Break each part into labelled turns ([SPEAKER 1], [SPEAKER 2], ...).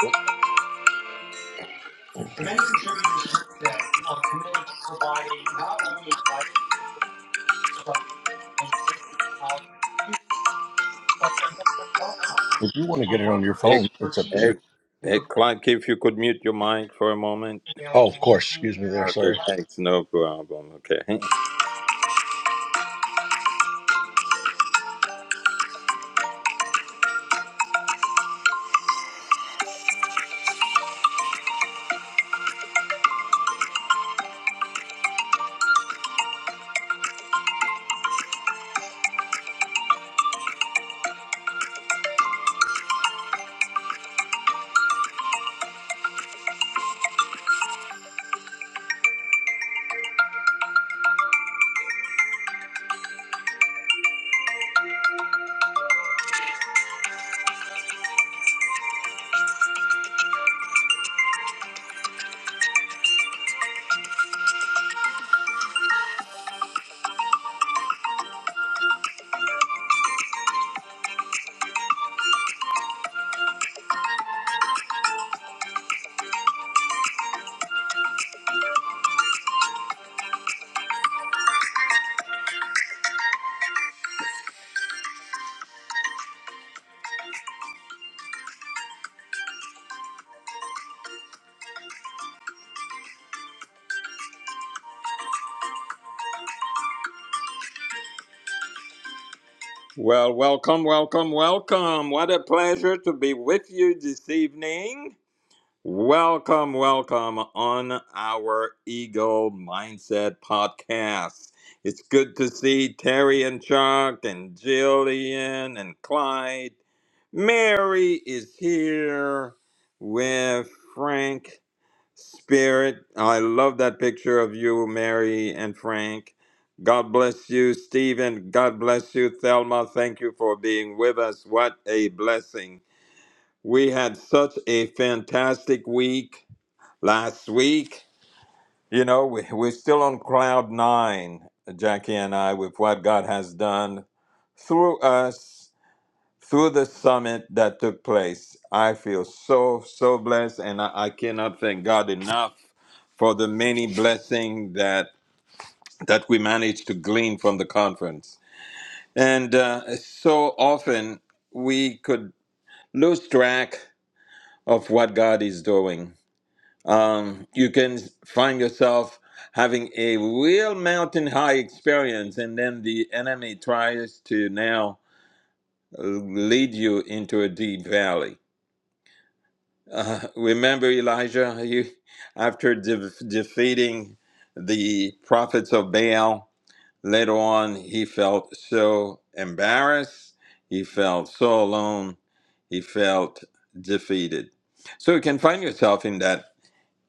[SPEAKER 1] The If you want to get it on your
[SPEAKER 2] Hey,
[SPEAKER 1] phone, resources for it's up to
[SPEAKER 2] hey,
[SPEAKER 1] you.
[SPEAKER 2] hey, Clark, if you could mute your mic for a moment.
[SPEAKER 1] teachers Oh, of available course. Excuse me there.
[SPEAKER 2] Okay,
[SPEAKER 1] Sorry.
[SPEAKER 2] thanks. No problem. Okay. Well, welcome, welcome, welcome. What a pleasure to be with you this evening. Welcome, welcome on our Eagle Mindset podcast. It's good to see Terry and Chuck and Jillian and Clyde. Mary is here with Frank Spirit, I love that picture of you, Mary and Frank. God bless you, Stephen. God bless you, Thelma. Thank you for being with us. What a blessing. We had such a fantastic week last week. You know, we, we're still on cloud nine, Jackie and I, with what God has done through us through the summit that took place. I feel so, so blessed, and I, I cannot thank God enough for the many blessings that, that we managed to glean from the conference. And uh, so often we could lose track of what God is doing. Um, you can find yourself having a real mountain high experience, and then the enemy tries to now uh, lead you into a deep valley Uh, remember Elijah, you, after de- defeating the prophets of Baal, later on he felt so embarrassed, he felt so alone, he felt defeated. So you can find yourself in that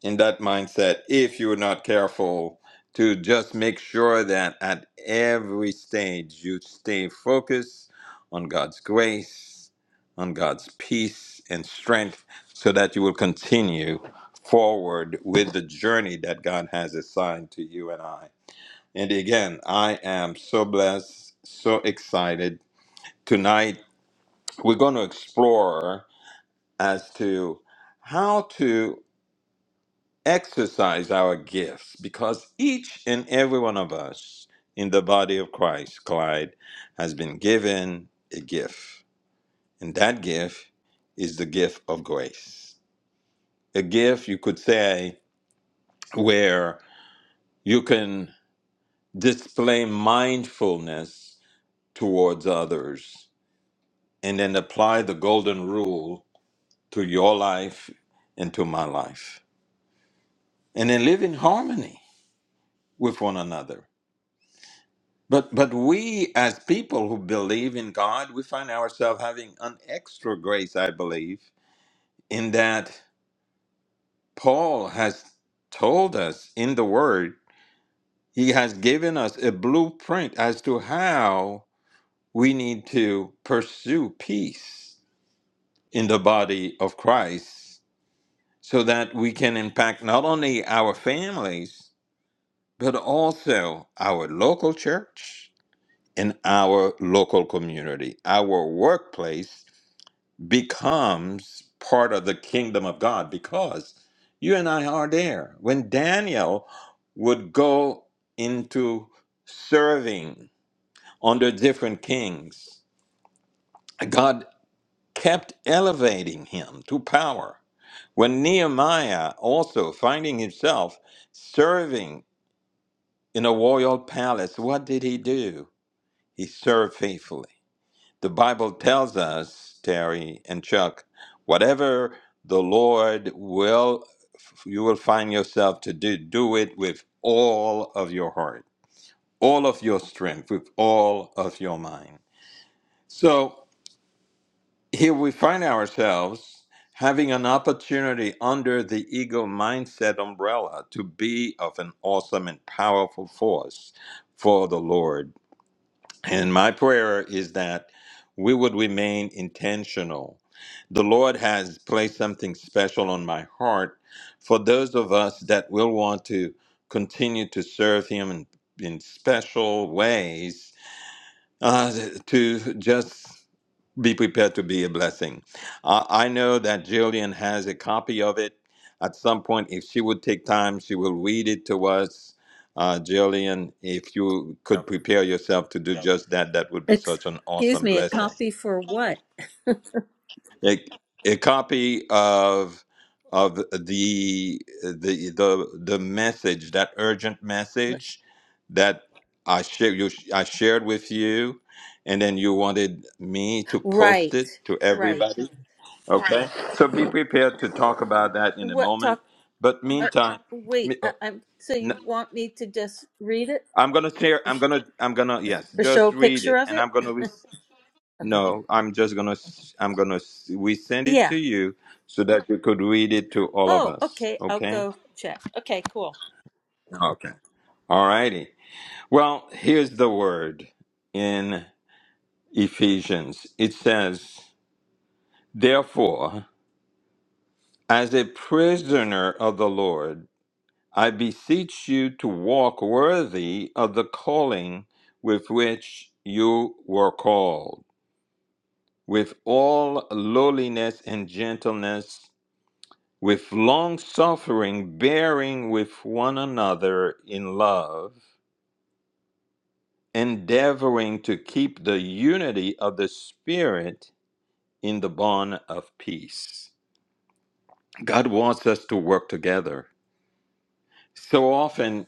[SPEAKER 2] in that mindset if you're not careful to just make sure that at every stage you stay focused on God's grace, on God's peace and strength, so that you will continue forward with the journey that God has assigned to you and I. And again, I am so blessed, so excited. Tonight, we're going to explore as to how to exercise our gifts because each and every one of us in the body of Christ, Clyde, has been given a gift. And that gift is the gift of grace. A gift, you could say, where you can display mindfulness towards others and then apply the golden rule to your life and to my life. And then live in harmony with one another But but we as people who believe in God, we find ourselves having an extra grace, I believe, in that Paul has told us in the word, he has given us a blueprint as to how we need to pursue peace in the body of Christ so that we can impact not only our families but also our local church in our local community, our workplace, becomes part of the kingdom of God because you and I are there. When Daniel would go into serving under different kings, God kept elevating him to power. When Nehemiah also finding himself serving in a royal palace, what did he do? He served faithfully. The Bible tells us, Terry and Chuck, whatever the Lord will, you will find yourself to do, do it with all of your heart, all of your strength, with all of your mind. So here we find ourselves having an opportunity under the ego mindset umbrella to be of an awesome and powerful force for the Lord And my prayer is that we would remain intentional. The Lord has placed something special on my heart for those of us that will want to continue to serve Him in, in special ways, uh, to just be prepared to be a blessing. Uh, I know that Jillian has a copy of it. At some point, if she would take time, she will read it to us. Uh, Jillian, if you could prepare yourself to do just that, that would be such an
[SPEAKER 3] Excuse
[SPEAKER 2] awesome
[SPEAKER 3] me, a
[SPEAKER 2] blessing.
[SPEAKER 3] copy for what?
[SPEAKER 2] A, a copy of of the the the the message, that urgent message that I share you I shared with you, and then you wanted me to post
[SPEAKER 3] Right,
[SPEAKER 2] it to
[SPEAKER 3] right.
[SPEAKER 2] everybody. Okay, Right. so be prepared to talk about that in a
[SPEAKER 3] What
[SPEAKER 2] moment.
[SPEAKER 3] talk?
[SPEAKER 2] But
[SPEAKER 3] Uh,
[SPEAKER 2] meantime,
[SPEAKER 3] wait,
[SPEAKER 2] me- uh,
[SPEAKER 3] I, I'm. So you
[SPEAKER 2] n-
[SPEAKER 3] want me to just read it
[SPEAKER 2] I'm gonna share.
[SPEAKER 3] or,
[SPEAKER 2] I'm
[SPEAKER 3] sh-
[SPEAKER 2] gonna. I'm gonna. Yes,
[SPEAKER 3] or show a
[SPEAKER 2] just read
[SPEAKER 3] picture
[SPEAKER 2] it,
[SPEAKER 3] of
[SPEAKER 2] and
[SPEAKER 3] it?
[SPEAKER 2] I'm gonna. Re-
[SPEAKER 3] Okay.
[SPEAKER 2] no, I'm just gonna. s- I'm gonna. s- We send it
[SPEAKER 3] Yeah.
[SPEAKER 2] to you so that you could read it to all of
[SPEAKER 3] Oh,
[SPEAKER 2] us.
[SPEAKER 3] okay. I'll
[SPEAKER 2] Okay.
[SPEAKER 3] go check. Okay, cool.
[SPEAKER 2] Okay. All righty. Well, here's the word in Ephesians. It says, "Therefore, as a prisoner of the Lord." I beseech you to walk worthy of the calling with which you were called, with all lowliness and gentleness, with long suffering, bearing with one another in love, endeavoring to keep the unity of the Spirit in the bond of peace. God wants us to work together. So often,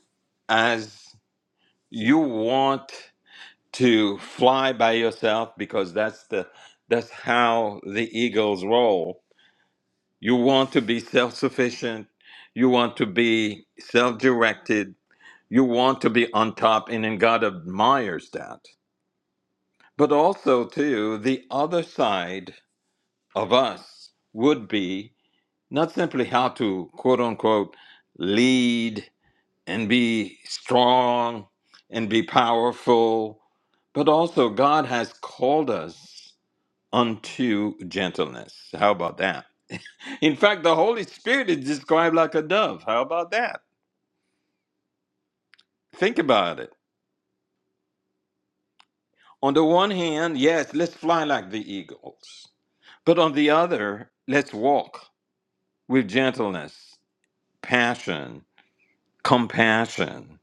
[SPEAKER 2] as you want to fly by yourself because that's the that's how the eagles roll you want to be self-sufficient you want to be self-directed you want to be on top and then god admires that but also too the other side of us would be not simply how to quote unquote lead and be strong and be powerful but also god has called us unto gentleness. How about that? In fact, the Holy Spirit is described like a dove. How about that? Think about it. On the one hand, yes, let's fly like the eagles. But on the other, let's walk with gentleness, passion, compassion.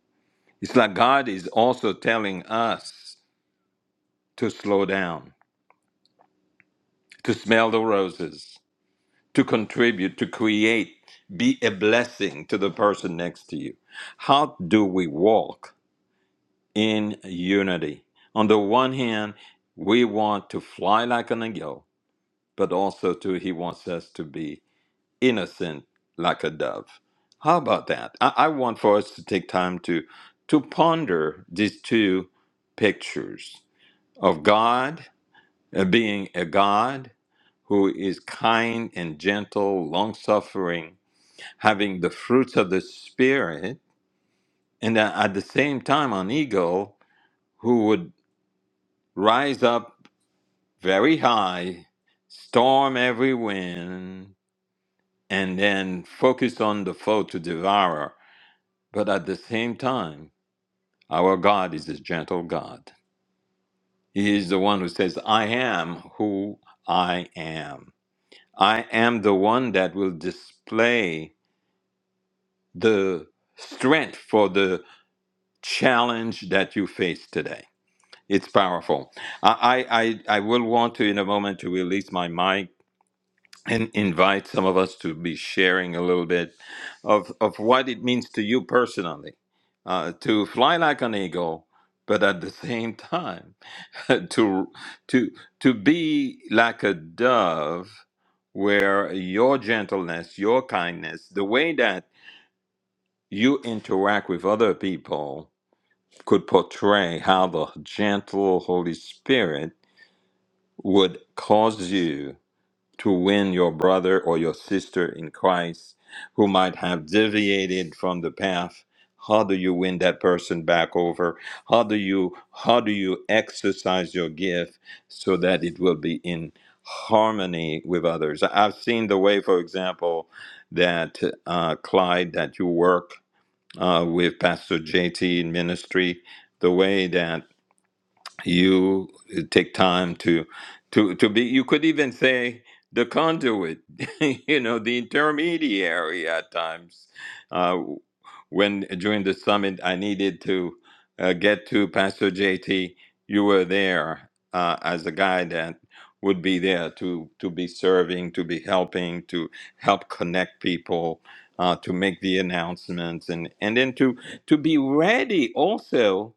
[SPEAKER 2] It's like God is also telling us to slow down, to smell the roses, to contribute, to create, be a blessing to the person next to you. How do we walk? in unity. On the one hand, we want to fly like an eagle, but also too, he wants us to be innocent like a dove. How about that? I, I want for us to take time to to ponder these two pictures of God uh, being a God who is kind and gentle, long suffering, having the fruits of the Spirit, and uh, at the same time, an eagle who would rise up very high, storm every wind, and then focus on the foe to devour. But at the same time, our God is a gentle God. He is the one who says, I am who I am. I am the one that will display the strength for the challenge that you face today. It's powerful. I, I, I I will want to, in a moment, to release my mic and invite some of us to be sharing a little bit of, of what it means to you personally uh, to fly like an eagle, but at the same time to to to be like a dove, where your gentleness, your kindness, the way that you interact with other people could portray how the gentle Holy Spirit would cause you to win your brother or your sister in Christ who might have deviated from the path how do you win that person back over how do you how do you exercise your gift so that it will be in harmony with others i've seen the way for example that uh, clyde that you work uh, with pastor jt in ministry the way that you uh, take time to to to be you could even say the conduit you know the intermediary at times uh, when during the summit i needed to uh, get to pastor jt you were there uh, as a guy that would be there to to be serving to be helping to help connect people uh, to make the announcements and and then to to be ready also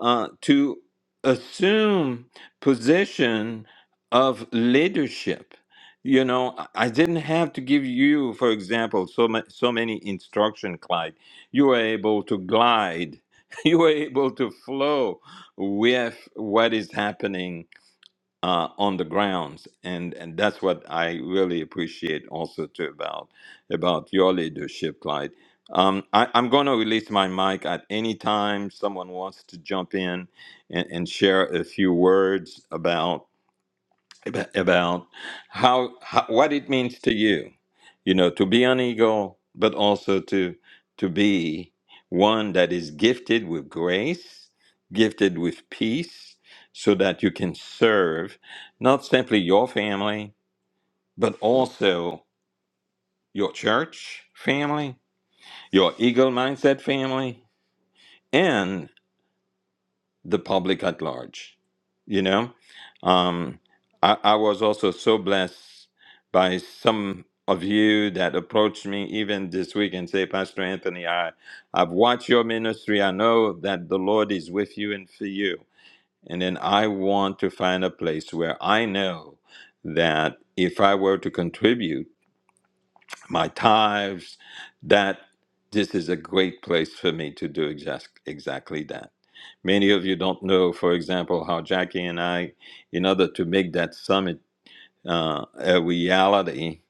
[SPEAKER 2] uh, to assume position of leadership you know i I didn't have to give you for example so ma- so many instruction clyde you were able to glide you were able to flow with what is happening uh, on the grounds, and and that's what I really appreciate also too about about your leadership, Clyde. Um, I, I'm going to release my mic at any time someone wants to jump in and, and share a few words ab- about how, how what it means to you you know to be an eagle but also to to be one that is gifted with grace gifted with peace so that you can serve not simply your family but also your church family your eagle mindset family the public at large. You know, um, I, I was also so blessed by some of you that approached me even this week and say, Pastor Anthony, I, I've watched your ministry. I know that the Lord is with you and for you. And then I want to find a place where I know that if I were to contribute, my tithes, that this is a great place for me to do exact, exactly that. Many of you don't know, for example, how Jackie and I, in order to make that summit uh, a reality,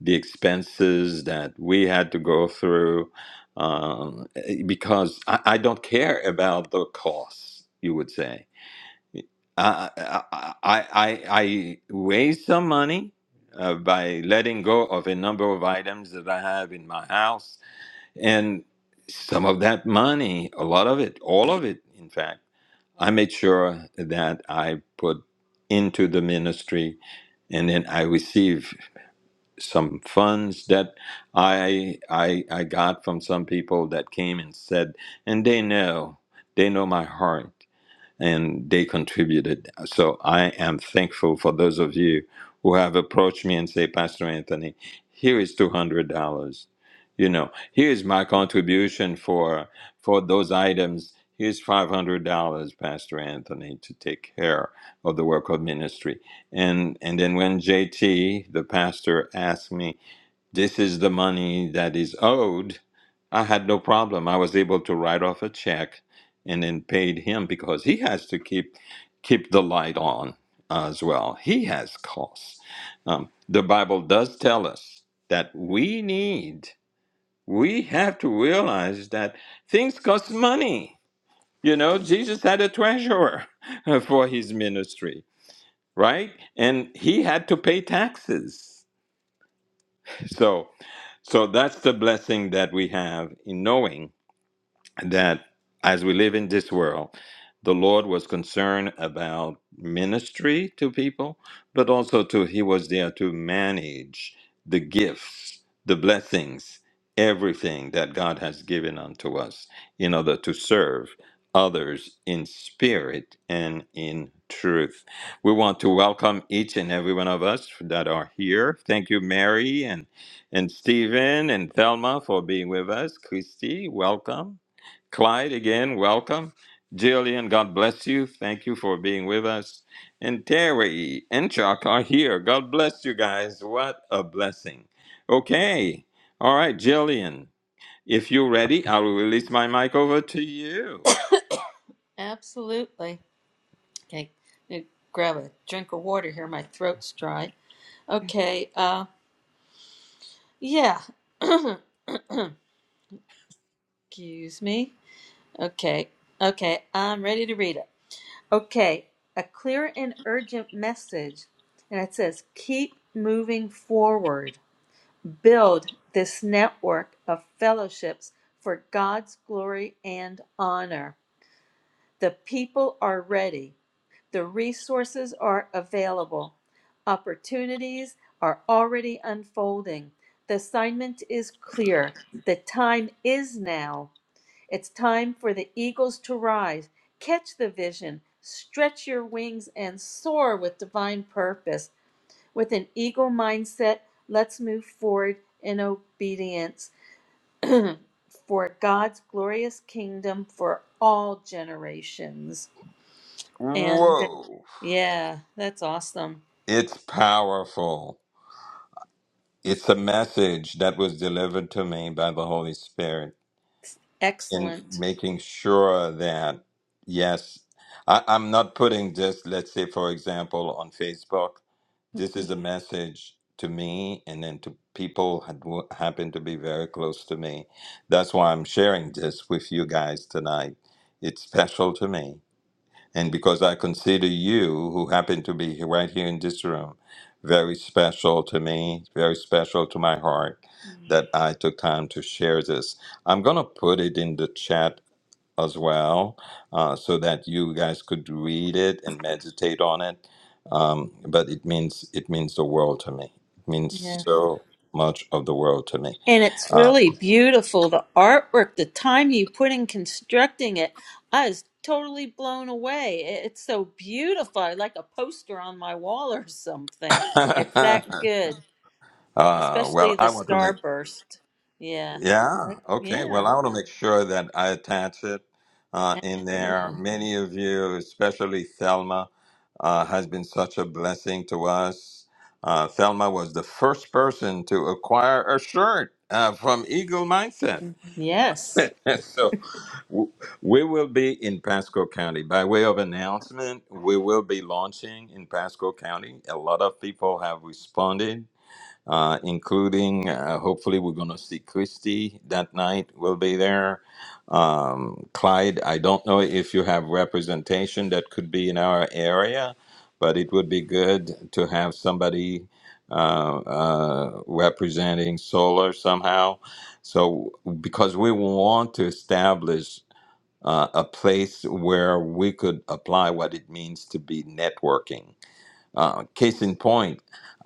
[SPEAKER 2] the expenses that we had to go through, um, because I, I don't care about the costs, you would say. I, I, I, I raised some money uh, by letting go of a number of items that I have in my house. And some of that money, a lot of it, all of it, in fact, I made sure that I put into the ministry. And then I received some funds that I, I, I got from some people that came and said, and they know, they know my heart and they contributed. So I am thankful for those of you who have approached me and say, Pastor Anthony, here is two hundred dollars. You know, here's my contribution for for those items. Here's five hundred dollars, Pastor Anthony, to take care of the work of ministry. And and then when JT, the pastor, asked me. This is the money that is owed. I had no problem. I was able to write off a check and then paid him because he has to keep keep the light on as well. He has costs. Um, the Bible does tell us that we need, we have to realize that things cost money. You know, Jesus had a treasurer for his ministry, right? And he had to pay taxes. So. So that's the blessing that we have in knowing that as we live in this world, the Lord was concerned about ministry to people, but also to He was there to manage the gifts, the blessings, everything that God has given unto us in order to serve others in spirit and in truth. We want to welcome each and every one of us that are here. Thank you, Mary and and Stephen and Thelma for being with us. Christy, welcome. Clyde, again, welcome. Jillian, God bless you. Thank you for being with us. And Terry and Chuck are here. God bless you guys. What a blessing. Okay. All right, Jillian, if you're ready, I will release my mic over to you.
[SPEAKER 3] Absolutely. Okay. let me grab a drink of water here. My throat's dry. Okay. Uh. Yeah. Excuse me. Okay. Okay. I'm ready to read it. Okay, a clear and urgent message. And it says, keep moving forward. Build this network of fellowships for God's glory and honor. The people are ready. The resources are available. Opportunities are already unfolding. The assignment is clear. The time is now. It's time for the eagles to rise. Catch the vision, stretch your wings, and soar with divine purpose. With an eagle mindset, let's move forward in obedience for God's glorious kingdom for all generations. And
[SPEAKER 2] Whoa.
[SPEAKER 3] yeah, that's awesome.
[SPEAKER 2] It's powerful. It's a message that was delivered to me by the Holy Spirit. in
[SPEAKER 3] Excellent.
[SPEAKER 2] making sure that yes I, i'm not putting this let's say for example on facebook this is a message to me and then to people had- who happen to be very close to me that's why i'm sharing this with you guys tonight it's special to me and because I consider you, who happen to be right here in this room, very special to me, very special to my heart, that I took time to share this. I'm going to put it in the chat as well uh, so that you guys could read it and meditate on it. Um, but it means it means the world to me. It means
[SPEAKER 3] Yeah.
[SPEAKER 2] so much of the world to me.
[SPEAKER 3] And it's
[SPEAKER 2] Uh,
[SPEAKER 3] really beautiful. The artwork, the time you put in constructing it, I was totally blown away. I- It's so beautiful, I like a poster on my wall or something. It's
[SPEAKER 2] uh,
[SPEAKER 3] that good, especially
[SPEAKER 2] well,
[SPEAKER 3] the
[SPEAKER 2] I want to make.
[SPEAKER 3] starburst. Yeah,
[SPEAKER 2] Yeah.
[SPEAKER 3] like
[SPEAKER 2] Okay. Well,
[SPEAKER 3] yeah,
[SPEAKER 2] I want to make sure that I attach it uh, in there.
[SPEAKER 3] absolutely.
[SPEAKER 2] Many of you, especially Thelma, uh, has been such a blessing to us. Uh, Thelma was the first person to acquire a shirt uh, from Eagle Mindset.
[SPEAKER 3] Yes,
[SPEAKER 2] so w- we will be in Pasco County. By way of announcement, we will be launching in Pasco County. A lot of people have responded uh, including uh, hopefully we're going to see Christy that night. We'll be there. Um, Clyde, I don't know if you have representation that could be in our area, but it would be good to have somebody uh, uh, representing solar somehow. So, because we want to establish uh, a place where we could apply what it means to be networking. Uh, case in point,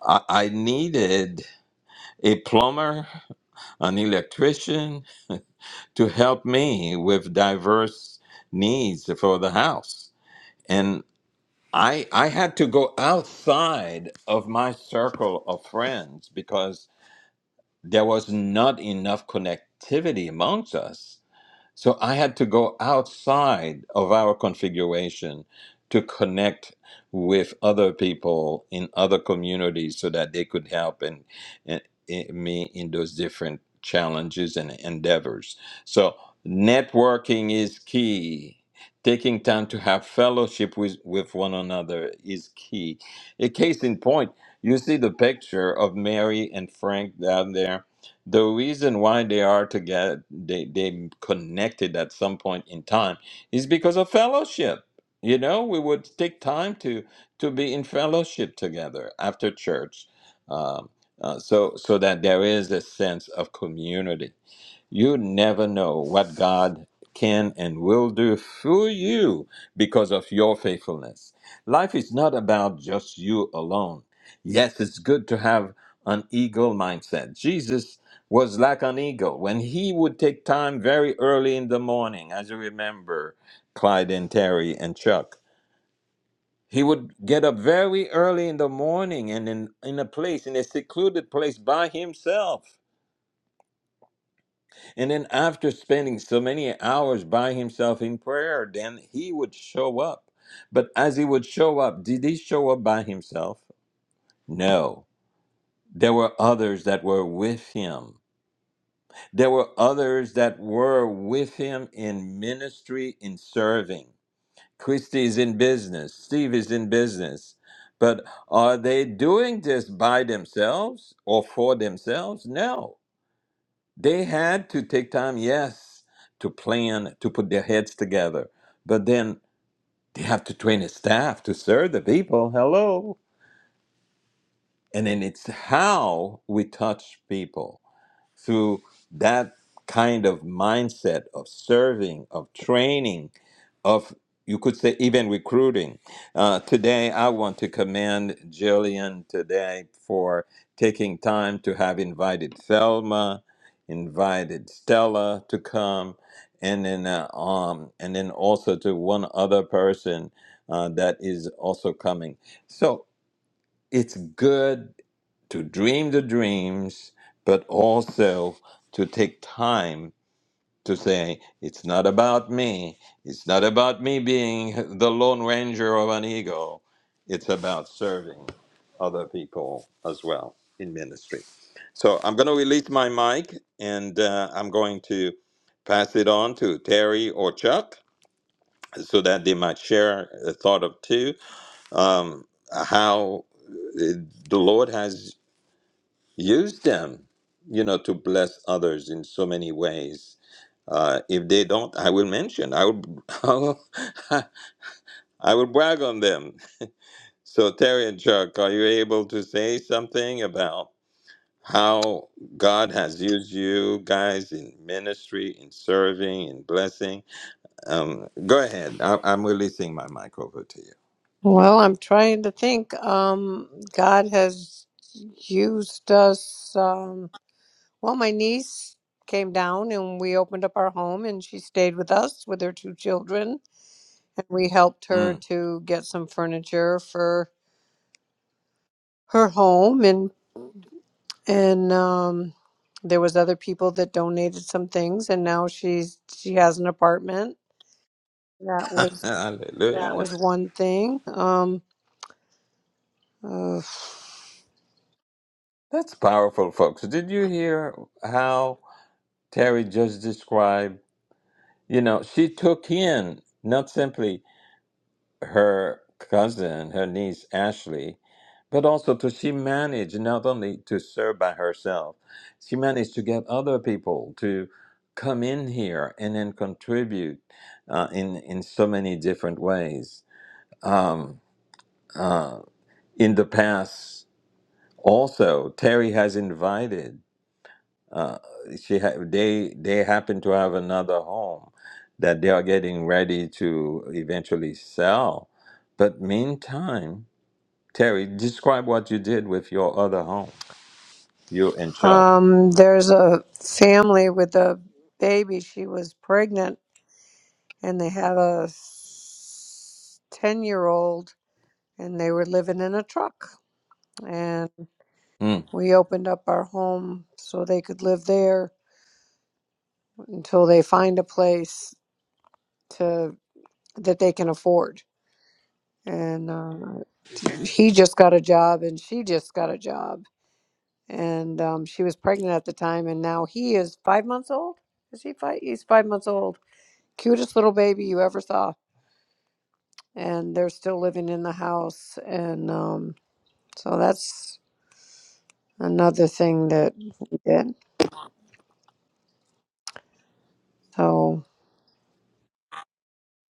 [SPEAKER 2] I, I needed a plumber, an electrician to help me with diverse needs for the house. And I I had to go outside of my circle of friends because there was not enough connectivity amongst us so I had to go outside of our configuration to connect with other people in other communities so that they could help and, and, and me in those different challenges and endeavors. So networking is key. Taking time to have fellowship with, with one another is key. A case in point, you see the picture of Mary and Frank down there the reason why they are together they they connected at some point in time is because of fellowship you know we would take time to to be in fellowship together after church um, uh, so so that there is a sense of community you never know what God can and will do for you because of your faithfulness. Life is not about just you alone. Yes, it's good to have an eagle mindset. Jesus was like an eagle when he would take time very early in the morning, as you remember, Clyde and Terry and Chuck. He would get up very early in the morning and in, in a place, in a secluded place by himself And then after spending so many hours by himself in prayer, then he would show up. But as he would show up, did he show up by himself? No. There were others that were with him. There were others that were with him in ministry, in serving. Christy is in business. Steve is in business. But are they doing this by themselves or for themselves? No They had to take time, yes, to plan, to put their heads together. But then they have to train the staff to serve the people. Hello. And then it's how we touch people through that kind of mindset of serving, of training, of you could say even recruiting. Uh, today, I want to commend Jillian today for taking time to have invited Thelma, invited Stella to come, and then uh, um and then also to one other person uh, that is also coming. So it's good to dream the dreams, but also to take time to say it's not about me it's not about me being the lone ranger of an ego it's about serving other people as well in ministry so i'm going to release my mic and uh, i'm going to pass it on to terry or chuck so that they might share a thought or two um, how uh, the lord has use them you know to bless others in so many ways uh, if they don't i will mention i will I will, I will brag on them so terry and chuck are you able to say something about how god has used you guys in ministry in serving in blessing um, go ahead I, i'm releasing my mic over to you
[SPEAKER 4] Well, I'm trying to think. Um, God has used us. Um, well, my niece came down and we opened up our home and she stayed with us with her two children. And we helped her
[SPEAKER 2] Mm.
[SPEAKER 4] to get some furniture for her home and and um there was other people that donated some things and now she's she has an apartment. That was
[SPEAKER 2] hallelujah
[SPEAKER 4] that
[SPEAKER 2] That
[SPEAKER 4] was one thing. Um uh,
[SPEAKER 2] that's powerful folks did you hear how terry just described You know, she took in not simply her cousin, her niece Ashley, but also to she managed not only to serve by herself, she managed to get other people to come in here and then contribute uh, in in so many different ways. Um, uh, in the past, also Terry has invited. uh, she ha- they they happen to have another home that they are getting ready to eventually sell. But meantime, Terry, describe what you did with your other home, you and Chuck.
[SPEAKER 4] Um, there's a family with a baby. She was pregnant, and they had a ten-year-old, and they were living in a truck. And
[SPEAKER 2] Hmm.
[SPEAKER 4] we opened up our home so they could live there until they find a place to that they can afford. And uh, he just got a job, and she just got a job, and um, she was pregnant at the time, and now he is five months old. Is he five? He's five months old cutest little baby you ever saw and they're still living in the house and um so that's another thing that we did so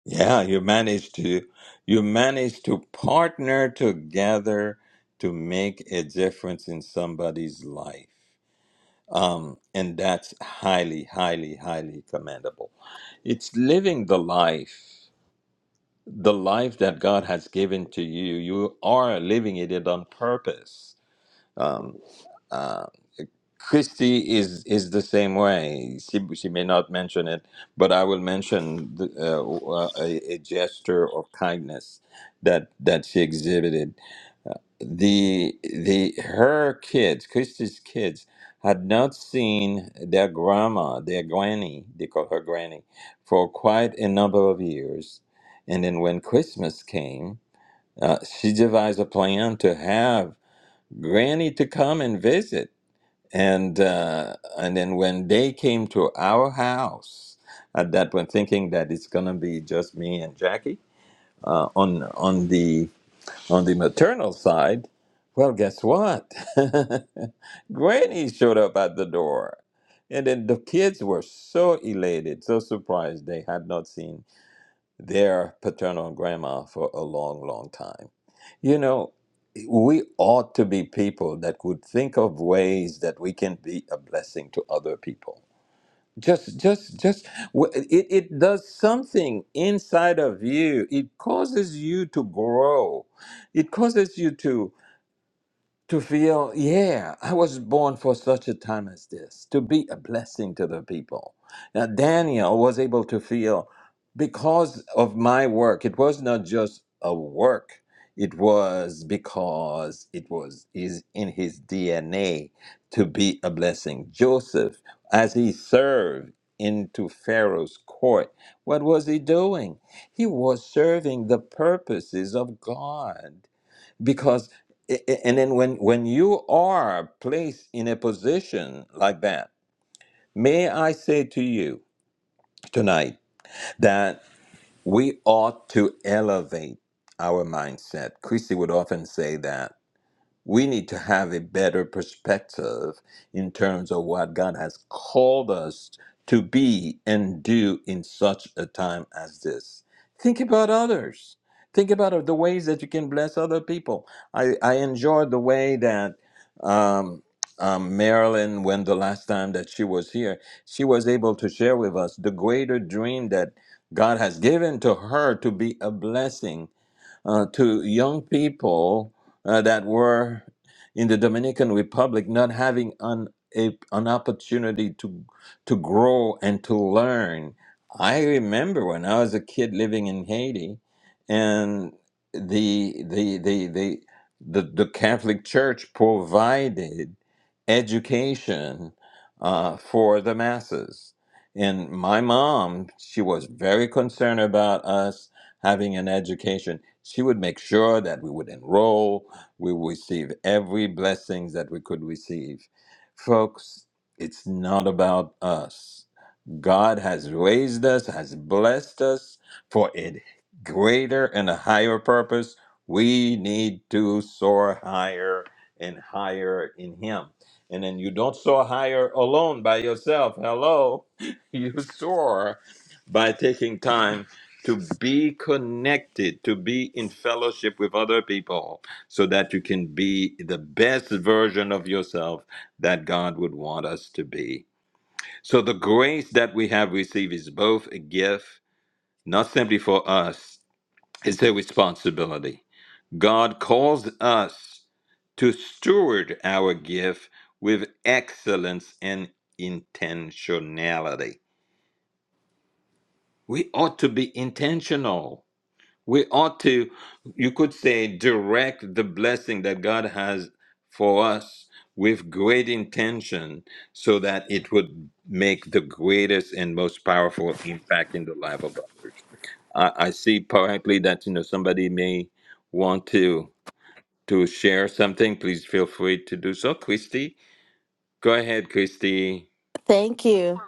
[SPEAKER 2] Yeah, you managed to you managed to partner together to make a difference in somebody's life. Um, and that's highly, highly, highly commendable. It's living the life. the life that God has given to you, you are living it on purpose. Um, uh, Christy is is the same way. She, she may not mention it, but I will mention the, uh, uh, a, a gesture of kindness that that she exhibited. The the her kids, Christy's kids, had not seen their grandma, their granny, they call her granny, for quite a number of years. And then when Christmas came, uh, she devised a plan to have Granny to come and visit. And uh, and then when they came to our house, at that point, thinking that it's gonna be just me and Jackie uh, on on the on the maternal side, well, guess what? Granny showed up at the door, and then the kids were so elated, so surprised they had not seen their paternal grandma for a long, long time you know, we ought to be people that would think of ways that we can be a blessing to other people. Just, just, just, w- it, it does something inside of you. It causes you to grow. It causes you to to feel, yeah, I was born for such a time as this, to be a blessing to the people. Now, Daniel was able to feel because of my work, it was not just a work. It was because it was is in his DNA to be a blessing. Joseph, as he served into Pharaoh's court, what was he doing? He was serving the purposes of God because i- i- and then when when you are placed in a position like that may i say to you tonight that we ought to elevate our mindset christy would often say that we need to have a better perspective in terms of what God has called us to be and do in such a time as this. Think about others. Think about the ways that you can bless other people. I, I enjoyed the way that um, um, Marilyn, when the last time that she was here, she was able to share with us the greater dream that God has given to her to be a blessing uh, to young people uh, that were in the Dominican Republic not having an, a, an opportunity to, to grow and to learn. I remember when I was a kid living in Haiti and the, the, the, the, the, the Catholic Church provided education uh, for the masses. And my mom, she was very concerned about us having an education. She would make sure that we would enroll, we would receive every blessings that we could receive. Folks, it's not about us. God has raised us, has blessed us for a greater and a higher purpose. We need to soar higher and higher in Him. And then you don't soar higher alone by yourself. Hello. You soar by taking time to be connected, to be in fellowship with other people so that you can be the best version of yourself that God would want us to be. So the grace that we have received is both a gift, not simply for us, it's a responsibility. God calls us to steward our gift with excellence and intentionality. We ought to be intentional We ought to, you could say, direct the blessing that God has for us with great intention so that it would make the greatest and most powerful impact in the life of others. I, I see partly that, you know, somebody may want to to share something. Please feel free to do so. Christy, go ahead, Christy.
[SPEAKER 5] Thank you.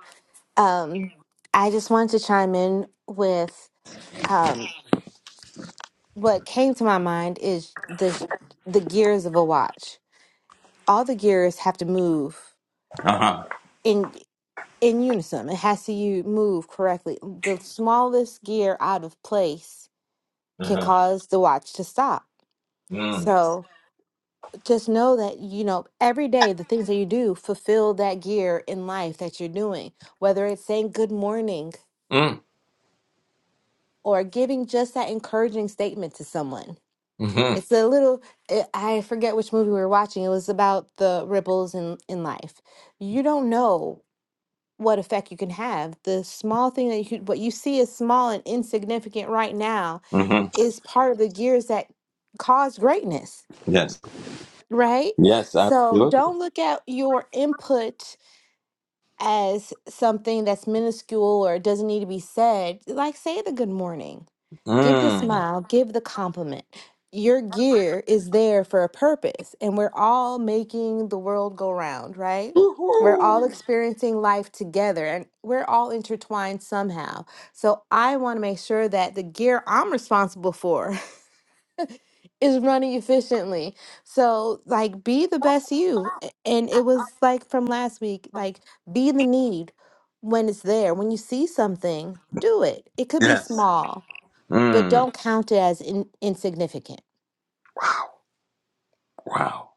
[SPEAKER 5] Um, I just wanted to chime in with um, what came to my mind is the the gears of a watch. All the gears have to move
[SPEAKER 2] Uh-huh.
[SPEAKER 5] in in unison. It has to you move correctly. The smallest gear out of place can
[SPEAKER 2] Uh-huh.
[SPEAKER 5] cause the watch to stop.
[SPEAKER 2] Mm.
[SPEAKER 5] So just know that you know every day the things that you do fulfill that gear in life that you're doing. Whether it's saying good morning
[SPEAKER 2] Mm.
[SPEAKER 5] or giving just that encouraging statement to someone.
[SPEAKER 2] Mm-hmm.
[SPEAKER 5] It's a little, I I forget which movie we were watching. It was about the ripples in, in life. You don't know what effect you can have. The small thing that you, what you see is small and insignificant right now
[SPEAKER 2] Mm-hmm.
[SPEAKER 5] is part of the gears that cause greatness,
[SPEAKER 2] Yes.
[SPEAKER 5] right?
[SPEAKER 2] Yes,
[SPEAKER 5] So
[SPEAKER 2] absolutely.
[SPEAKER 5] don't look at your input as something that's minuscule or doesn't need to be said. Like, say the good morning give the
[SPEAKER 2] Mm.
[SPEAKER 5] smile, give the compliment. Your gear is there for a purpose, and we're all making the world go round, right? We're all
[SPEAKER 2] Woohoo!
[SPEAKER 5] experiencing life together and we're all intertwined somehow. So, I want to make sure that the gear I'm responsible for is running efficiently. So, like, be the best you. A- And it was like from last week, like, be the need when it's there. When you see something, do it. It could be
[SPEAKER 2] Yes.
[SPEAKER 5] small, but
[SPEAKER 2] Mm.
[SPEAKER 5] don't count it as in, insignificant.
[SPEAKER 2] Wow.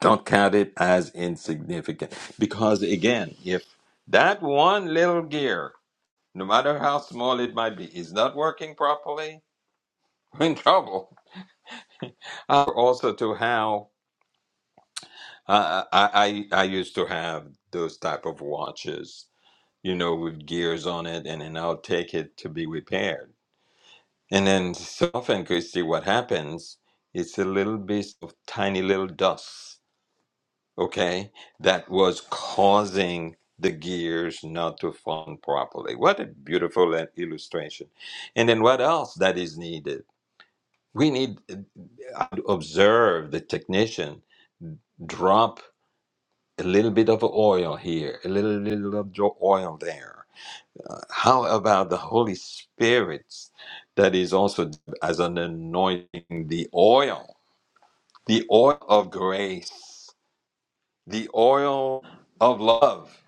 [SPEAKER 2] Don't count it as insignificant. Because again, if that one little gear, no matter how small it might be, is not working properly, we're in trouble. Uh, also to how uh, I, I I used to have those type of watches, you know, with gears on it, and then I'll take it to be repaired And then so often, Christy, what happens, it's a little bit of tiny little dust, okay, that was causing the gears not to form properly. What a beautiful uh, illustration. And then what else that is needed? We need uh, I observe the technician drop a little bit of oil here, a little, little of jo- oil there. How about the Holy Spirit that is also as an anointing, the oil, the oil of grace, the oil of love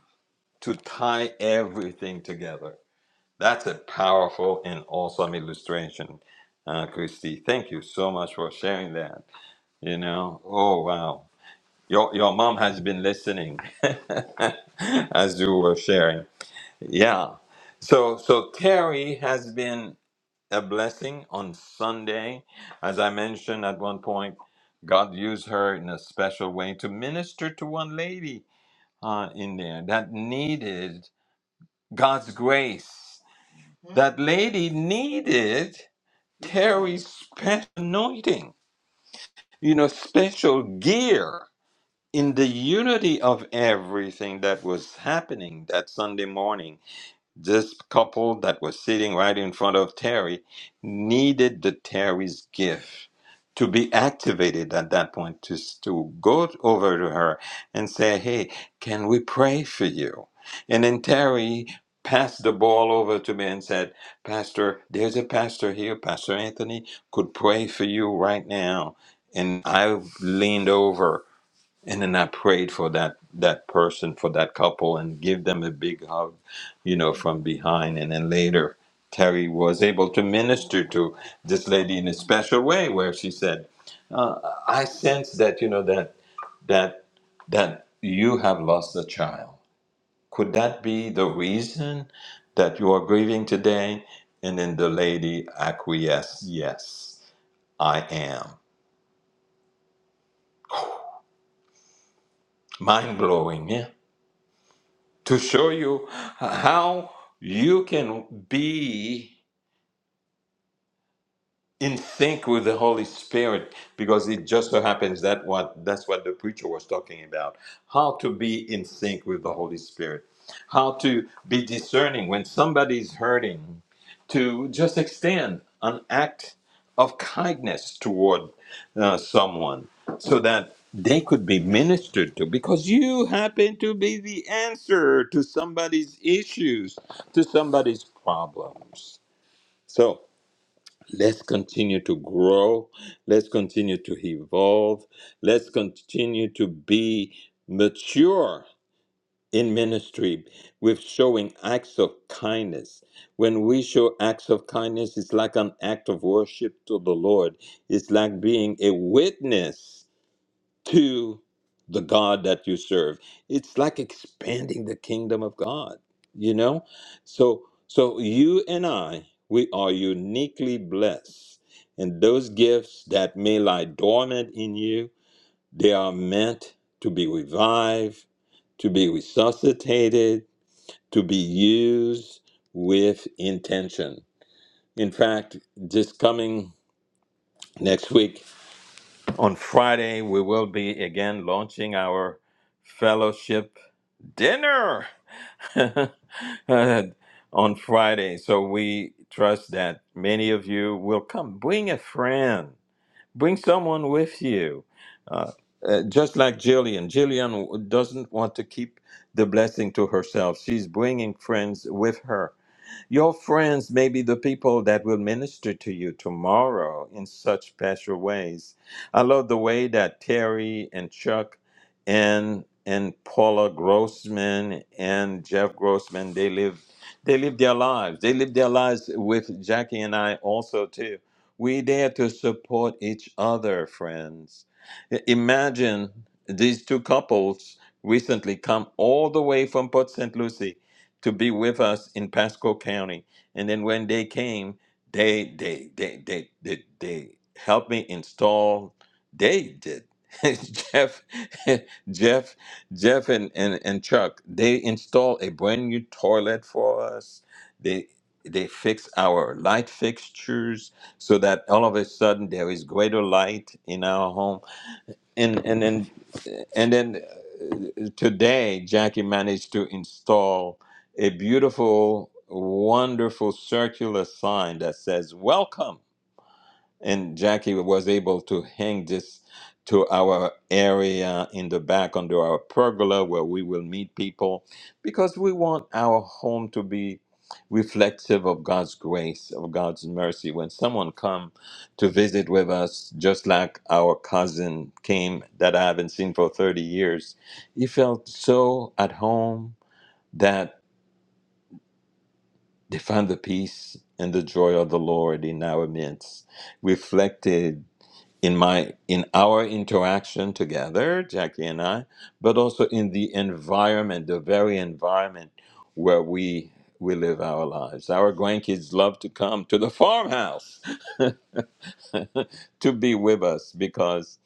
[SPEAKER 2] to tie everything together? That's a powerful and awesome illustration, uh, Christy. Thank you so much for sharing that. You know, oh wow. Your, your mom has been listening as you were sharing. Yeah. So so Terry has been a blessing on Sunday. As I mentioned at one point, God used her in a special way to minister to one lady uh, in there that needed God's grace. That lady needed Terry's special anointing, you know, special gear in the unity of everything that was happening that Sunday morning. This couple that was sitting right in front of Terry needed the Terry's gift to be activated at that point to, to go over to her and say, Hey, can we pray for you? And then Terry passed the ball over to me and said, Pastor, there's a pastor here, Pastor Anthony, could pray for you right now. And I leaned over and then I prayed for that that person for that couple and give them a big hug, you know, from behind. And then later, Terry was able to minister to this lady in a special way, where she said, uh, "I sense that you know that that that you have lost a child. Could that be the reason that you are grieving today?" And then the lady acquiesced, "Yes, I am." Mind blowing, Yeah. to show you how you can be in sync with the Holy Spirit because it just so happens that what that's what the preacher was talking about how to be in sync with the Holy Spirit how to be discerning when somebody's hurting to just extend an act of kindness toward uh, someone so that they could be ministered to because you happen to be the answer to somebody's issues to somebody's problems so Let's continue to grow. Let's continue to evolve. Let's continue to be mature in ministry with showing acts of kindness. When we show acts of kindness, it's like an act of worship to the Lord, it's like being a witness to the God that you serve. It's like expanding the kingdom of God, you know? So so you and I, we are uniquely blessed. And those gifts that may lie dormant in you, they are meant to be revived, to be resuscitated, to be used with intention. In fact, just coming next week on Friday, we will be again launching our fellowship dinner Uh, on Friday. So we trust that many of you will come. Bring a friend, bring someone with you. Uh, uh, just like Jillian, Jillian doesn't want to keep the blessing to herself. She's bringing friends with her your friends may be the people that will minister to you tomorrow in such special ways. I love the way that Terry and Chuck and and Paula Grossman and Jeff Grossman they live they live their lives. They live their lives with Jackie and I also too. We there to support each other, friends. I- Imagine these two couples recently come all the way from Port St. Lucie to be with us in Pasco County. And then when they came, they they they they they, they helped me install. They did. Jeff, Jeff, Jeff, and, and, and Chuck. They installed a brand new toilet for us. They they fix our light fixtures so that all of a sudden there is greater light in our home and and then and then uh, today Jackie managed to install a beautiful, wonderful circular sign that says "Welcome." and Jackie was able to hang this to our area in the back under our pergola where we will meet people because we want our home to be reflective of God's grace, of God's mercy. When someone come to visit with us, just like our cousin came that I haven't seen for 30 years, he felt so at home that they found the peace and the joy of the Lord in our midst reflected in my in our interaction together jackie and i but also in the environment the very environment where we we live our lives our grandkids love to come to the farmhouse to be with us because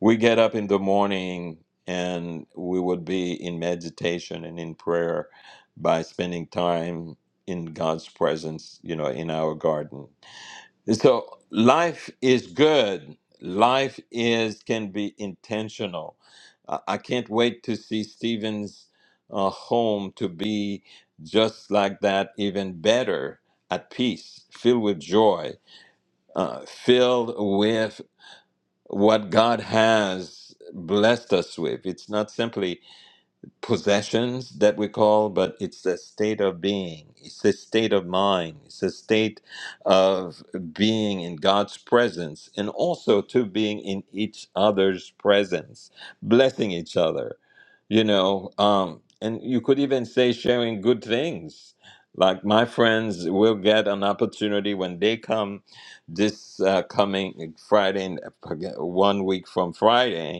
[SPEAKER 2] we get up in the morning and we would be in meditation and in prayer by spending time in god's presence you know in our garden so life is good. Life is can be intentional. I I can't wait to see Stephen's uh, home to be just like that, even better, at peace, filled with joy, uh, filled with what God has blessed us with. It's not simply possessions that we call, but it's a state of being. It's a state of mind. It's a state of being in God's presence and also to being in each other's presence, blessing each other, you know. Um, and you could even say sharing good things. Like my friends will get an opportunity when they come this uh, coming Friday, one week from Friday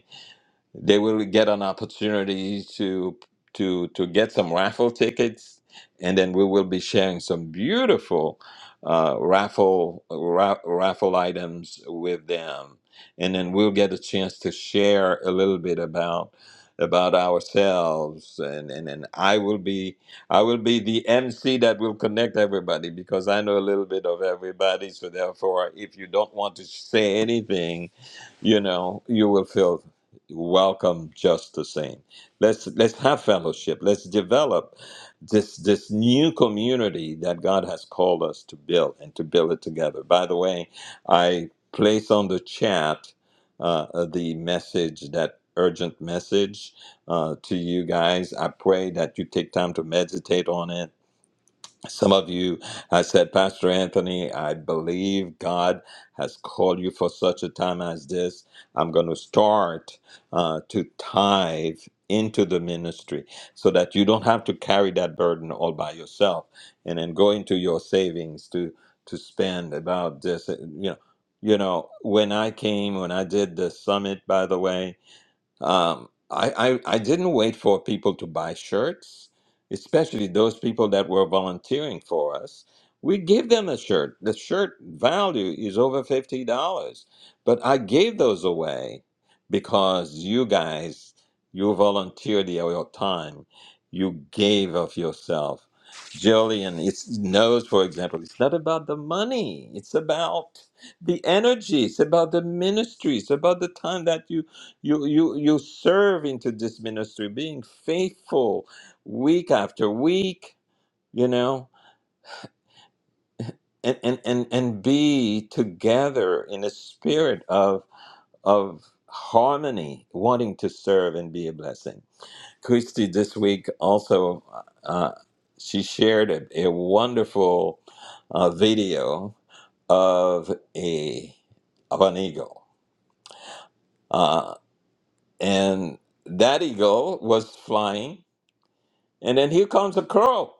[SPEAKER 2] they will get an opportunity to to to get some raffle tickets and then we will be sharing some beautiful uh, raffle ra- raffle items with them and then we'll get a chance to share a little bit about about ourselves and, and and I will be I will be the MC that will connect everybody because I know a little bit of everybody so therefore if you don't want to say anything you know you will feel welcome just the same. Let's let's have fellowship. Let's develop this this new community that God has called us to build and to build it together. By the way, I place on the chat uh, the message that urgent message uh, to you guys. I pray that you take time to meditate on it some of you, I said, Pastor Anthony, I believe God has called you for such a time as this. I'm going to start uh, to tithe into the ministry so that you don't have to carry that burden all by yourself and then go into your savings to to spend about this you know you know when i came when i did the summit by the way um, I, I, I didn't wait for people to buy shirts, especially those people that were volunteering for us. We give them a shirt. The shirt value is over $50. But I gave those away because you guys, you volunteered your your time. You gave of yourself. Jillian it's, knows, for example, it's not about the money. It's about the energy. It's about the ministry. It's about the time that you you, you, you serve into this ministry, being faithful week after week, you know, and, and, and, and be together in a spirit of, of harmony, wanting to serve and be a blessing. Christy this week also, uh, she shared a, a wonderful uh, video of a of an eagle, uh, and that eagle was flying And then here comes the crow.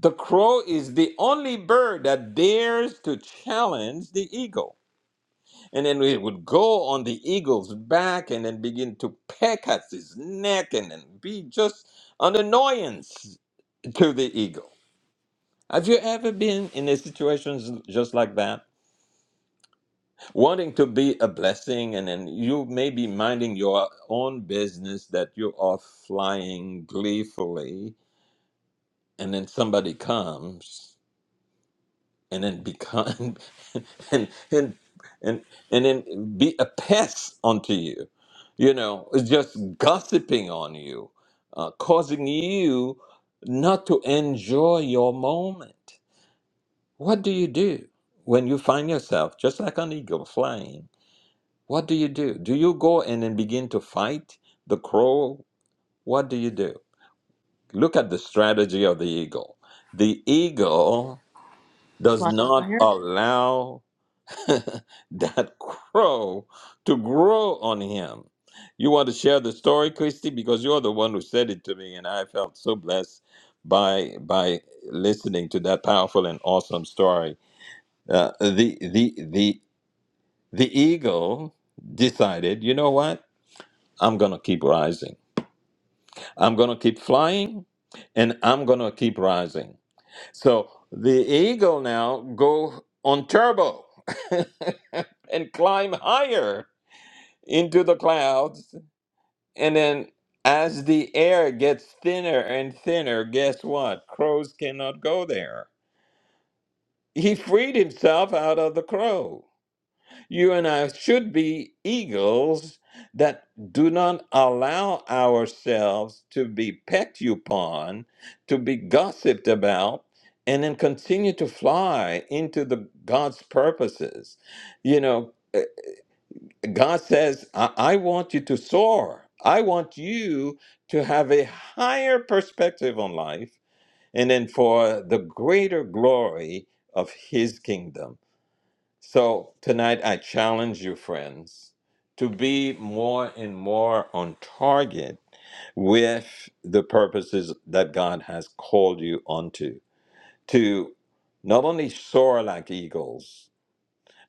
[SPEAKER 2] The crow is the only bird that dares to challenge the eagle. And then it would go on the eagle's back and then begin to peck at his neck and then be just an annoyance to the eagle. Have you ever been in a situation just like that? Wanting to be a blessing, and then you may be minding your own business that you are flying gleefully, and then somebody comes and then become and and and and then be a pest unto you you know it's just gossiping on you uh, causing you not to enjoy your moment what do you do when you find yourself just like an eagle flying what do you do do you go in and begin to fight the crow what do you do look at the strategy of the eagle the eagle does not
[SPEAKER 3] Flyer.
[SPEAKER 2] allow that grow to grow on him. You want to share the story, Christy, because you're the one who said it to me, and I felt so blessed by by listening to that powerful and awesome story. Uh, the the the the eagle decided, you know what? I'm gonna keep rising. I'm gonna keep flying, and I'm gonna keep rising. So the eagle now go on turbo and climb higher into the clouds. And then as the air gets thinner and thinner, guess what? Crows cannot go there. He freed himself out of the crow. You and I should be eagles that do not allow ourselves to be pecked upon, to be gossiped about, and then continue to fly into the God's purposes. You know, God says, I, I want you to soar. I want you to have a higher perspective on life and then for the greater glory of His kingdom. So tonight, I challenge you, friends, to be more and more on target with the purposes that God has called you onto, to not only soar like eagles,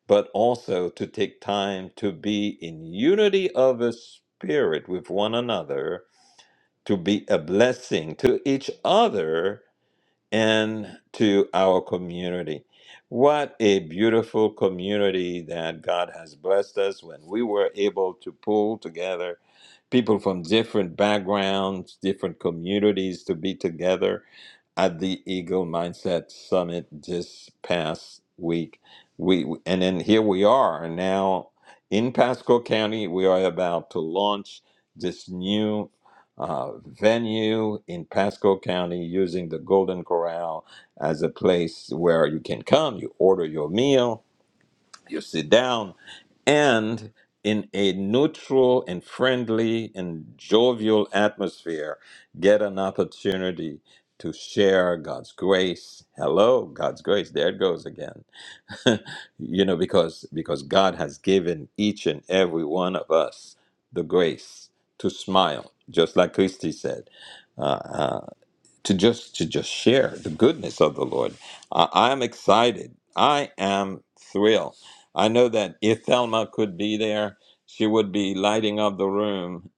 [SPEAKER 2] but also to take time to be in unity of the spirit with one another, to be a blessing to each other and to our community. What a beautiful community that God has blessed us when we were able to pull together people from different backgrounds, different communities to be together at the Eagle Mindset Summit this past week. We and then here we are now in Pasco County. We are about to launch this new uh, venue in Pasco County using the Golden Corral as a place where you can come, you order your meal, you sit down, and in a neutral and friendly and jovial atmosphere, get an opportunity to share God's grace. Hello, God's grace. There it goes again. you know, because because God has given each and every one of us the grace to smile, just like Christy said. Uh, uh, to just to just share the goodness of the Lord. I, I'm excited. I am thrilled. I know that if Thelma could be there, she would be lighting up the room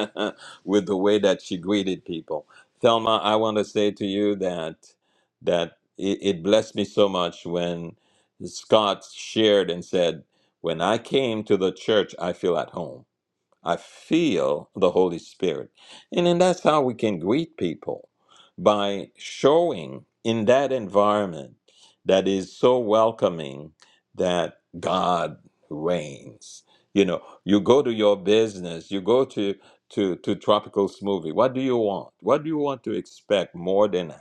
[SPEAKER 2] with the way that she greeted people. Thelma, I want to say to you that that it, it blessed me so much when Scott shared and said, "When I came to the church, I feel at home." I feel the Holy Spirit. And then that's how we can greet people by showing in that environment that is so welcoming that God reigns. You know, you go to your business, you go to to to tropical smoothie. What do you want? What do you want to expect more than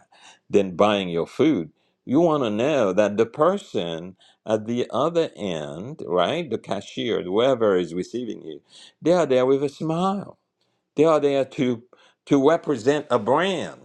[SPEAKER 2] than buying your food? You want to know that the person at the other end, right, the cashier, whoever is receiving you, they are there with a smile. They are there to to represent a brand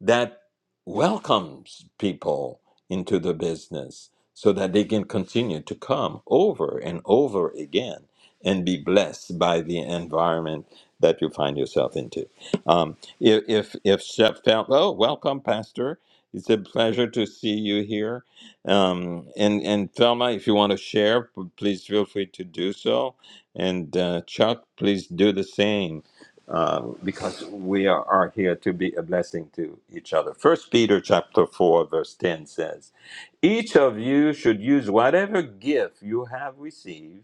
[SPEAKER 2] that welcomes people into the business so that they can continue to come over and over again and be blessed by the environment that you find yourself into. Um, if if if Shep felt, oh, welcome, Pastor. It's a pleasure to see you here. Um, and and Thelma, if you want to share, p- please feel free to do so. And uh, Chuck, please do the same um, because we are, are here to be a blessing to each other. First Peter chapter four verse ten says, "Each of you should use whatever gift you have received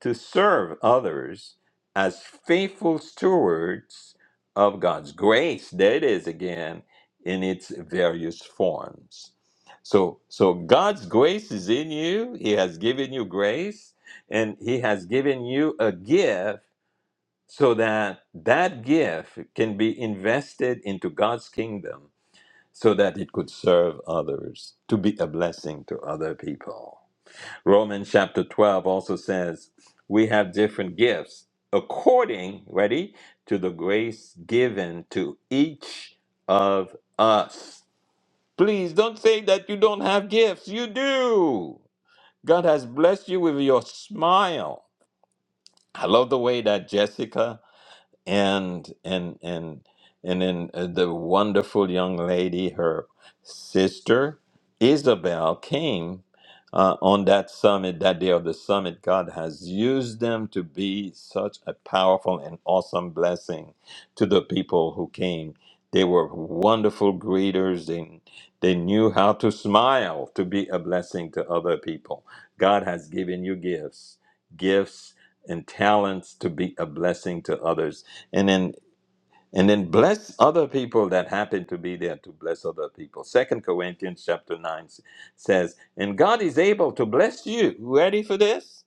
[SPEAKER 2] to serve others as faithful stewards of God's grace." There it is again in its various forms. So, so God's grace is in you. He has given you grace, and He has given you a gift so that that gift can be invested into God's kingdom so that it could serve others to be a blessing to other people. Romans chapter 12 also says, We have different gifts according, ready, to the grace given to each of us. Please don't say that you don't have gifts. You do. God has blessed you with your smile. I love the way that Jessica and and and and then uh, the wonderful young lady, her sister Isabel, came uh, on that summit that day of the summit. God has used them to be such a powerful and awesome blessing to the people who came. They were wonderful greeters. They they knew how to smile to be a blessing to other people. God has given you gifts, gifts and talents to be a blessing to others and then and then bless other people that happen to be there to bless other people second corinthians chapter 9 s- says and god is able to bless you ready for this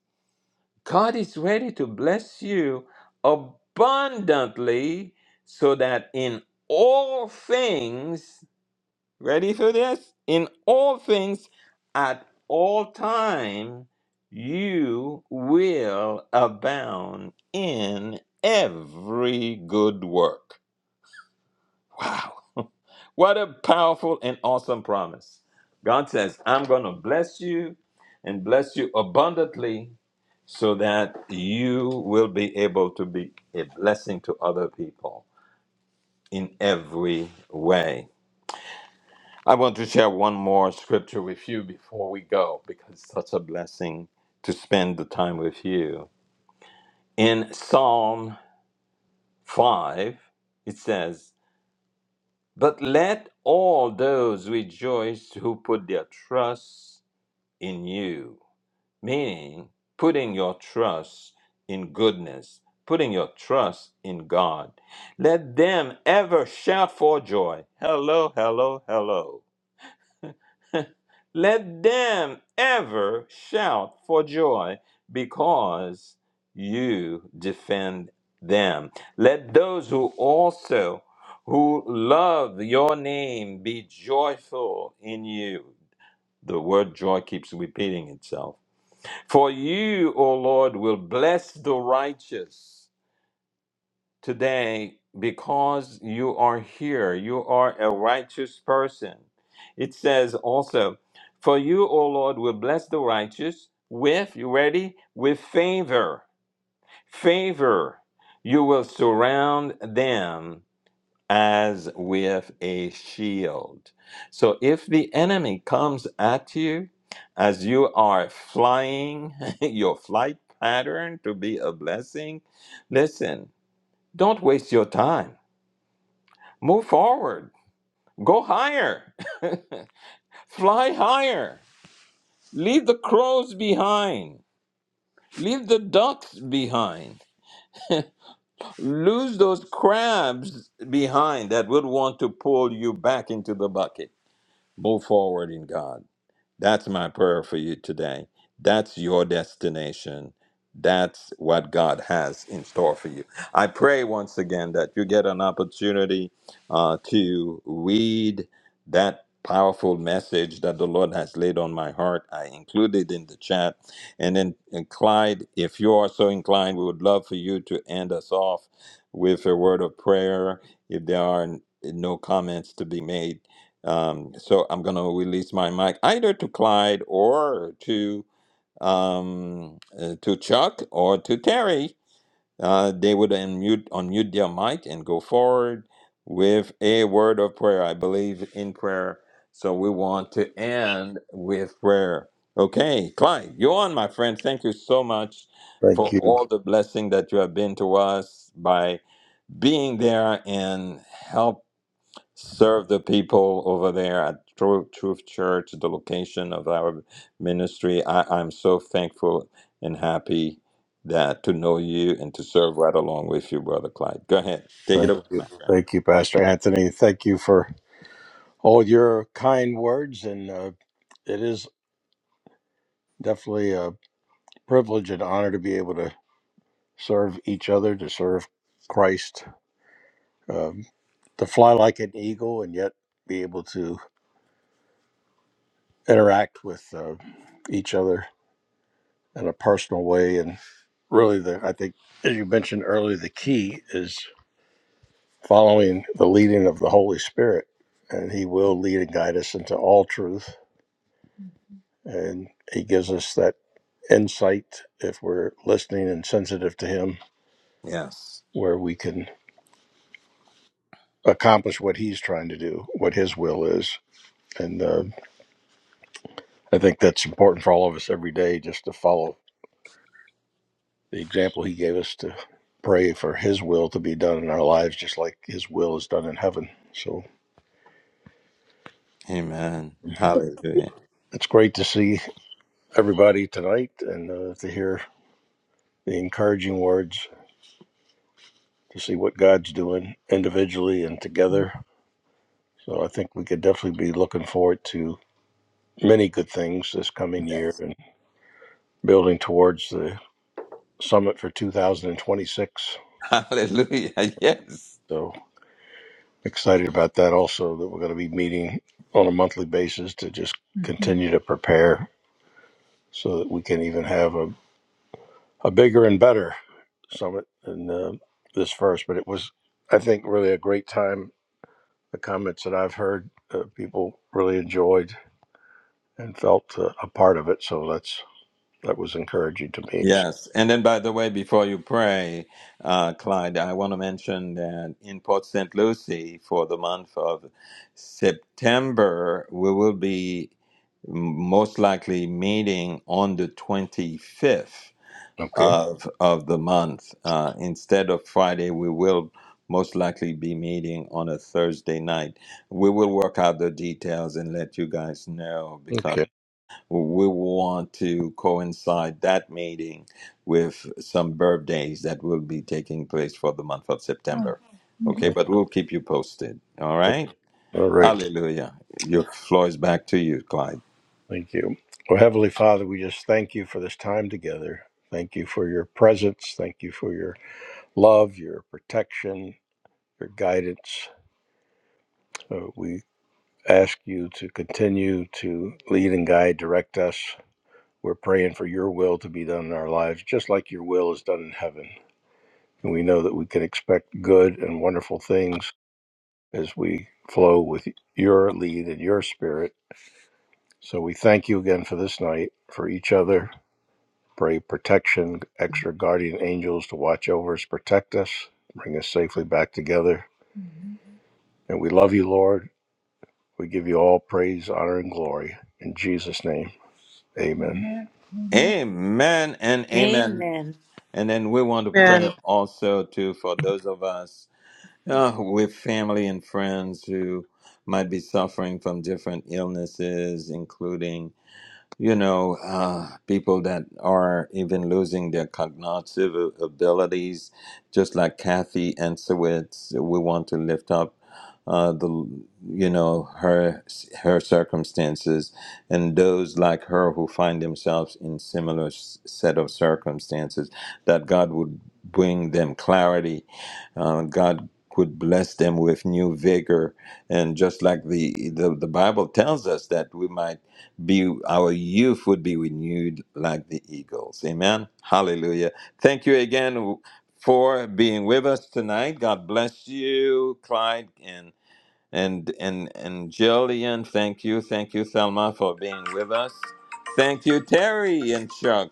[SPEAKER 2] god is ready to bless you abundantly so that in all things ready for this in all things at all time you will abound in every good work Wow. What a powerful and awesome promise. God says, I'm going to bless you and bless you abundantly so that you will be able to be a blessing to other people in every way. I want to share one more scripture with you before we go because it's such a blessing to spend the time with you. In Psalm 5, it says, But let all those rejoice who put their trust in you, meaning putting your trust in goodness, putting your trust in God. Let them ever shout for joy. Hello, hello, hello. Let them ever shout for joy because you defend them. Let those who also who love your name be joyful in you. The word joy keeps repeating itself. For you, O Lord, will bless the righteous today because you are here. You are a righteous person. It says also, For you, O Lord, will bless the righteous with, you ready? With favor. Favor. You will surround them as with a shield. So if the enemy comes at you as you are flying your flight pattern to be a blessing, listen, don't waste your time Move forward. Go higher. Fly higher. Leave the crows behind. Leave the ducks behind. Lose those crabs behind that would want to pull you back into the bucket. Move forward in God. That's my prayer for you today. That's your destination. That's what God has in store for you. I pray once again that you get an opportunity uh, to read that powerful message that the Lord has laid on my heart. I included in the chat. And then, and Clyde, if you are so inclined, we would love for you to end us off with a word of prayer. If there are n- no comments to be made, um, so I'm going to release my mic either to Clyde or to um, uh, to Chuck or to Terry. Uh, they would unmute unmute their mic and go forward with a word of prayer. I believe in prayer, so we want to end with prayer. Okay, Clyde, you're on, my friend. Thank you so much
[SPEAKER 1] Thank
[SPEAKER 2] for
[SPEAKER 1] you.
[SPEAKER 2] all the blessing that you have been to us by being there and help serve the people over there at Truth, Truth Church, the location of our ministry. I, I'm so thankful and happy that to know you and to serve right along with you, Brother Clyde. Go ahead, take it
[SPEAKER 1] Thank
[SPEAKER 2] away, my
[SPEAKER 1] you.
[SPEAKER 2] friend.
[SPEAKER 1] Thank you, Pastor Anthony. Thank you for all your kind words. And uh, it is definitely a privilege and honor to be able to serve each other, to serve Christ, um, to fly like an eagle, and yet be able to interact with uh, each other in a personal way. And really, the I think as you mentioned earlier, the key is following the leading of the Holy Spirit, and He will lead and guide us into all truth, and He gives us that insight if we're listening and sensitive to Him,
[SPEAKER 2] Yes.
[SPEAKER 1] where we can accomplish what He's trying to do, what His will is. And uh, I think that's important for all of us every day, just to follow the example He gave us to pray for His will to be done in our lives, just like His will is done in heaven. So.
[SPEAKER 2] Amen. Hallelujah.
[SPEAKER 1] It's great to see everybody tonight and uh, to hear the encouraging words, to see what God's doing individually and together. So I think we could definitely be looking forward to many good things this coming
[SPEAKER 2] Yes.
[SPEAKER 1] year and building towards the summit for 2026.
[SPEAKER 2] Hallelujah. Yes.
[SPEAKER 1] So excited about that also, that we're going to be meeting on a monthly basis to just hmm continue to prepare so that we can even have a a bigger and better summit in uh, this first, but it was, I think, really a great time. The comments that I've heard, uh, people really enjoyed and felt uh, a part of it. So that's that was encouraging to me.
[SPEAKER 2] Yes. And then, by the way, before you pray, uh, Clyde, I want to mention that in Port St. Lucie for the month of September, we will be most likely meeting on the 25th
[SPEAKER 1] Okay.
[SPEAKER 2] of, of the month. Uh, instead of Friday, we will most likely be meeting on a Thursday night. We will work out the details and let you guys know because
[SPEAKER 1] Okay.
[SPEAKER 2] we want to coincide that meeting with some birthdays that will be taking place for the month of
[SPEAKER 1] Oh,
[SPEAKER 2] September.
[SPEAKER 1] mhm.
[SPEAKER 2] Okay, but we'll keep you posted. All
[SPEAKER 1] Right.
[SPEAKER 2] right.
[SPEAKER 1] All right.
[SPEAKER 2] Hallelujah. Your floor is back to you, Clyde.
[SPEAKER 1] Thank you. Well, Heavenly Father, we just thank you for this time together. Thank you for your presence. Thank you for your love, your protection, your guidance. Uh, we ask you to continue to lead and guide, direct us. We're praying for your will to be done in our lives, just like your will is done in heaven. And we know that we can expect good and wonderful things as we flow with your lead and your spirit. So we thank you again for this night, for each other. Pray protection, extra guardian angels to watch over us, protect us, bring us safely back together. And we love you, Lord. We give you all praise, honor, and glory. In Jesus' name, amen.
[SPEAKER 2] Amen and amen.
[SPEAKER 3] Amen.
[SPEAKER 2] And then we want to
[SPEAKER 4] And
[SPEAKER 2] pray also too for those of us uh, with family and friends who might be suffering from different illnesses, including you know, uh, people that are even losing their cognitive a- abilities, just like Kathy Ansewitz. We want to lift up uh, the, you know, her her circumstances and those like her who find themselves in similar s- set of circumstances. That God would bring them clarity. Uh, God would bless them with new vigor and just like the, the the bible tells us that we might be our youth would be renewed like the eagles. Amen. Hallelujah. Thank you again for being with us tonight. God bless you, Clyde and and and and Jillian, thank you, thank you, Selma, for being with us. Thank you, Terry and Chuck,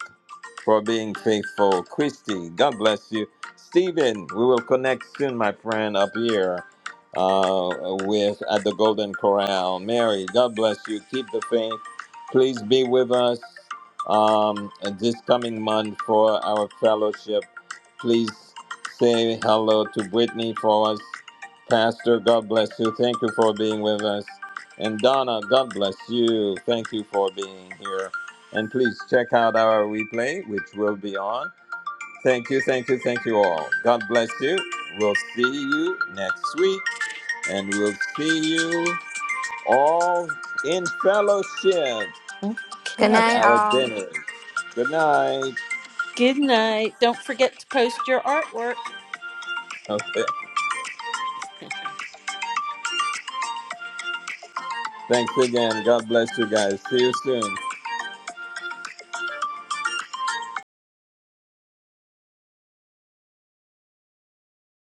[SPEAKER 2] for being faithful. Christy, God bless you. Stephen, we will connect soon, my friend, up here uh, with at the Golden Corral. Mary, God bless you. Keep the faith. Please be with us um, this coming month for our fellowship. Please say hello to Brittany for us. Pastor, God bless you. Thank you for being with us. And Donna, God bless you. Thank you for being here. And please check out our replay, which will be on. Thank you, thank you, thank you all. God bless you. We'll see you next week, and we'll see you all in fellowship
[SPEAKER 5] Good
[SPEAKER 2] at
[SPEAKER 3] Okay.
[SPEAKER 5] night,
[SPEAKER 2] our
[SPEAKER 5] all.
[SPEAKER 2] dinner. Good night.
[SPEAKER 3] Good night. Don't forget to post your artwork.
[SPEAKER 2] Okay. Thanks again. God bless you guys. See you soon.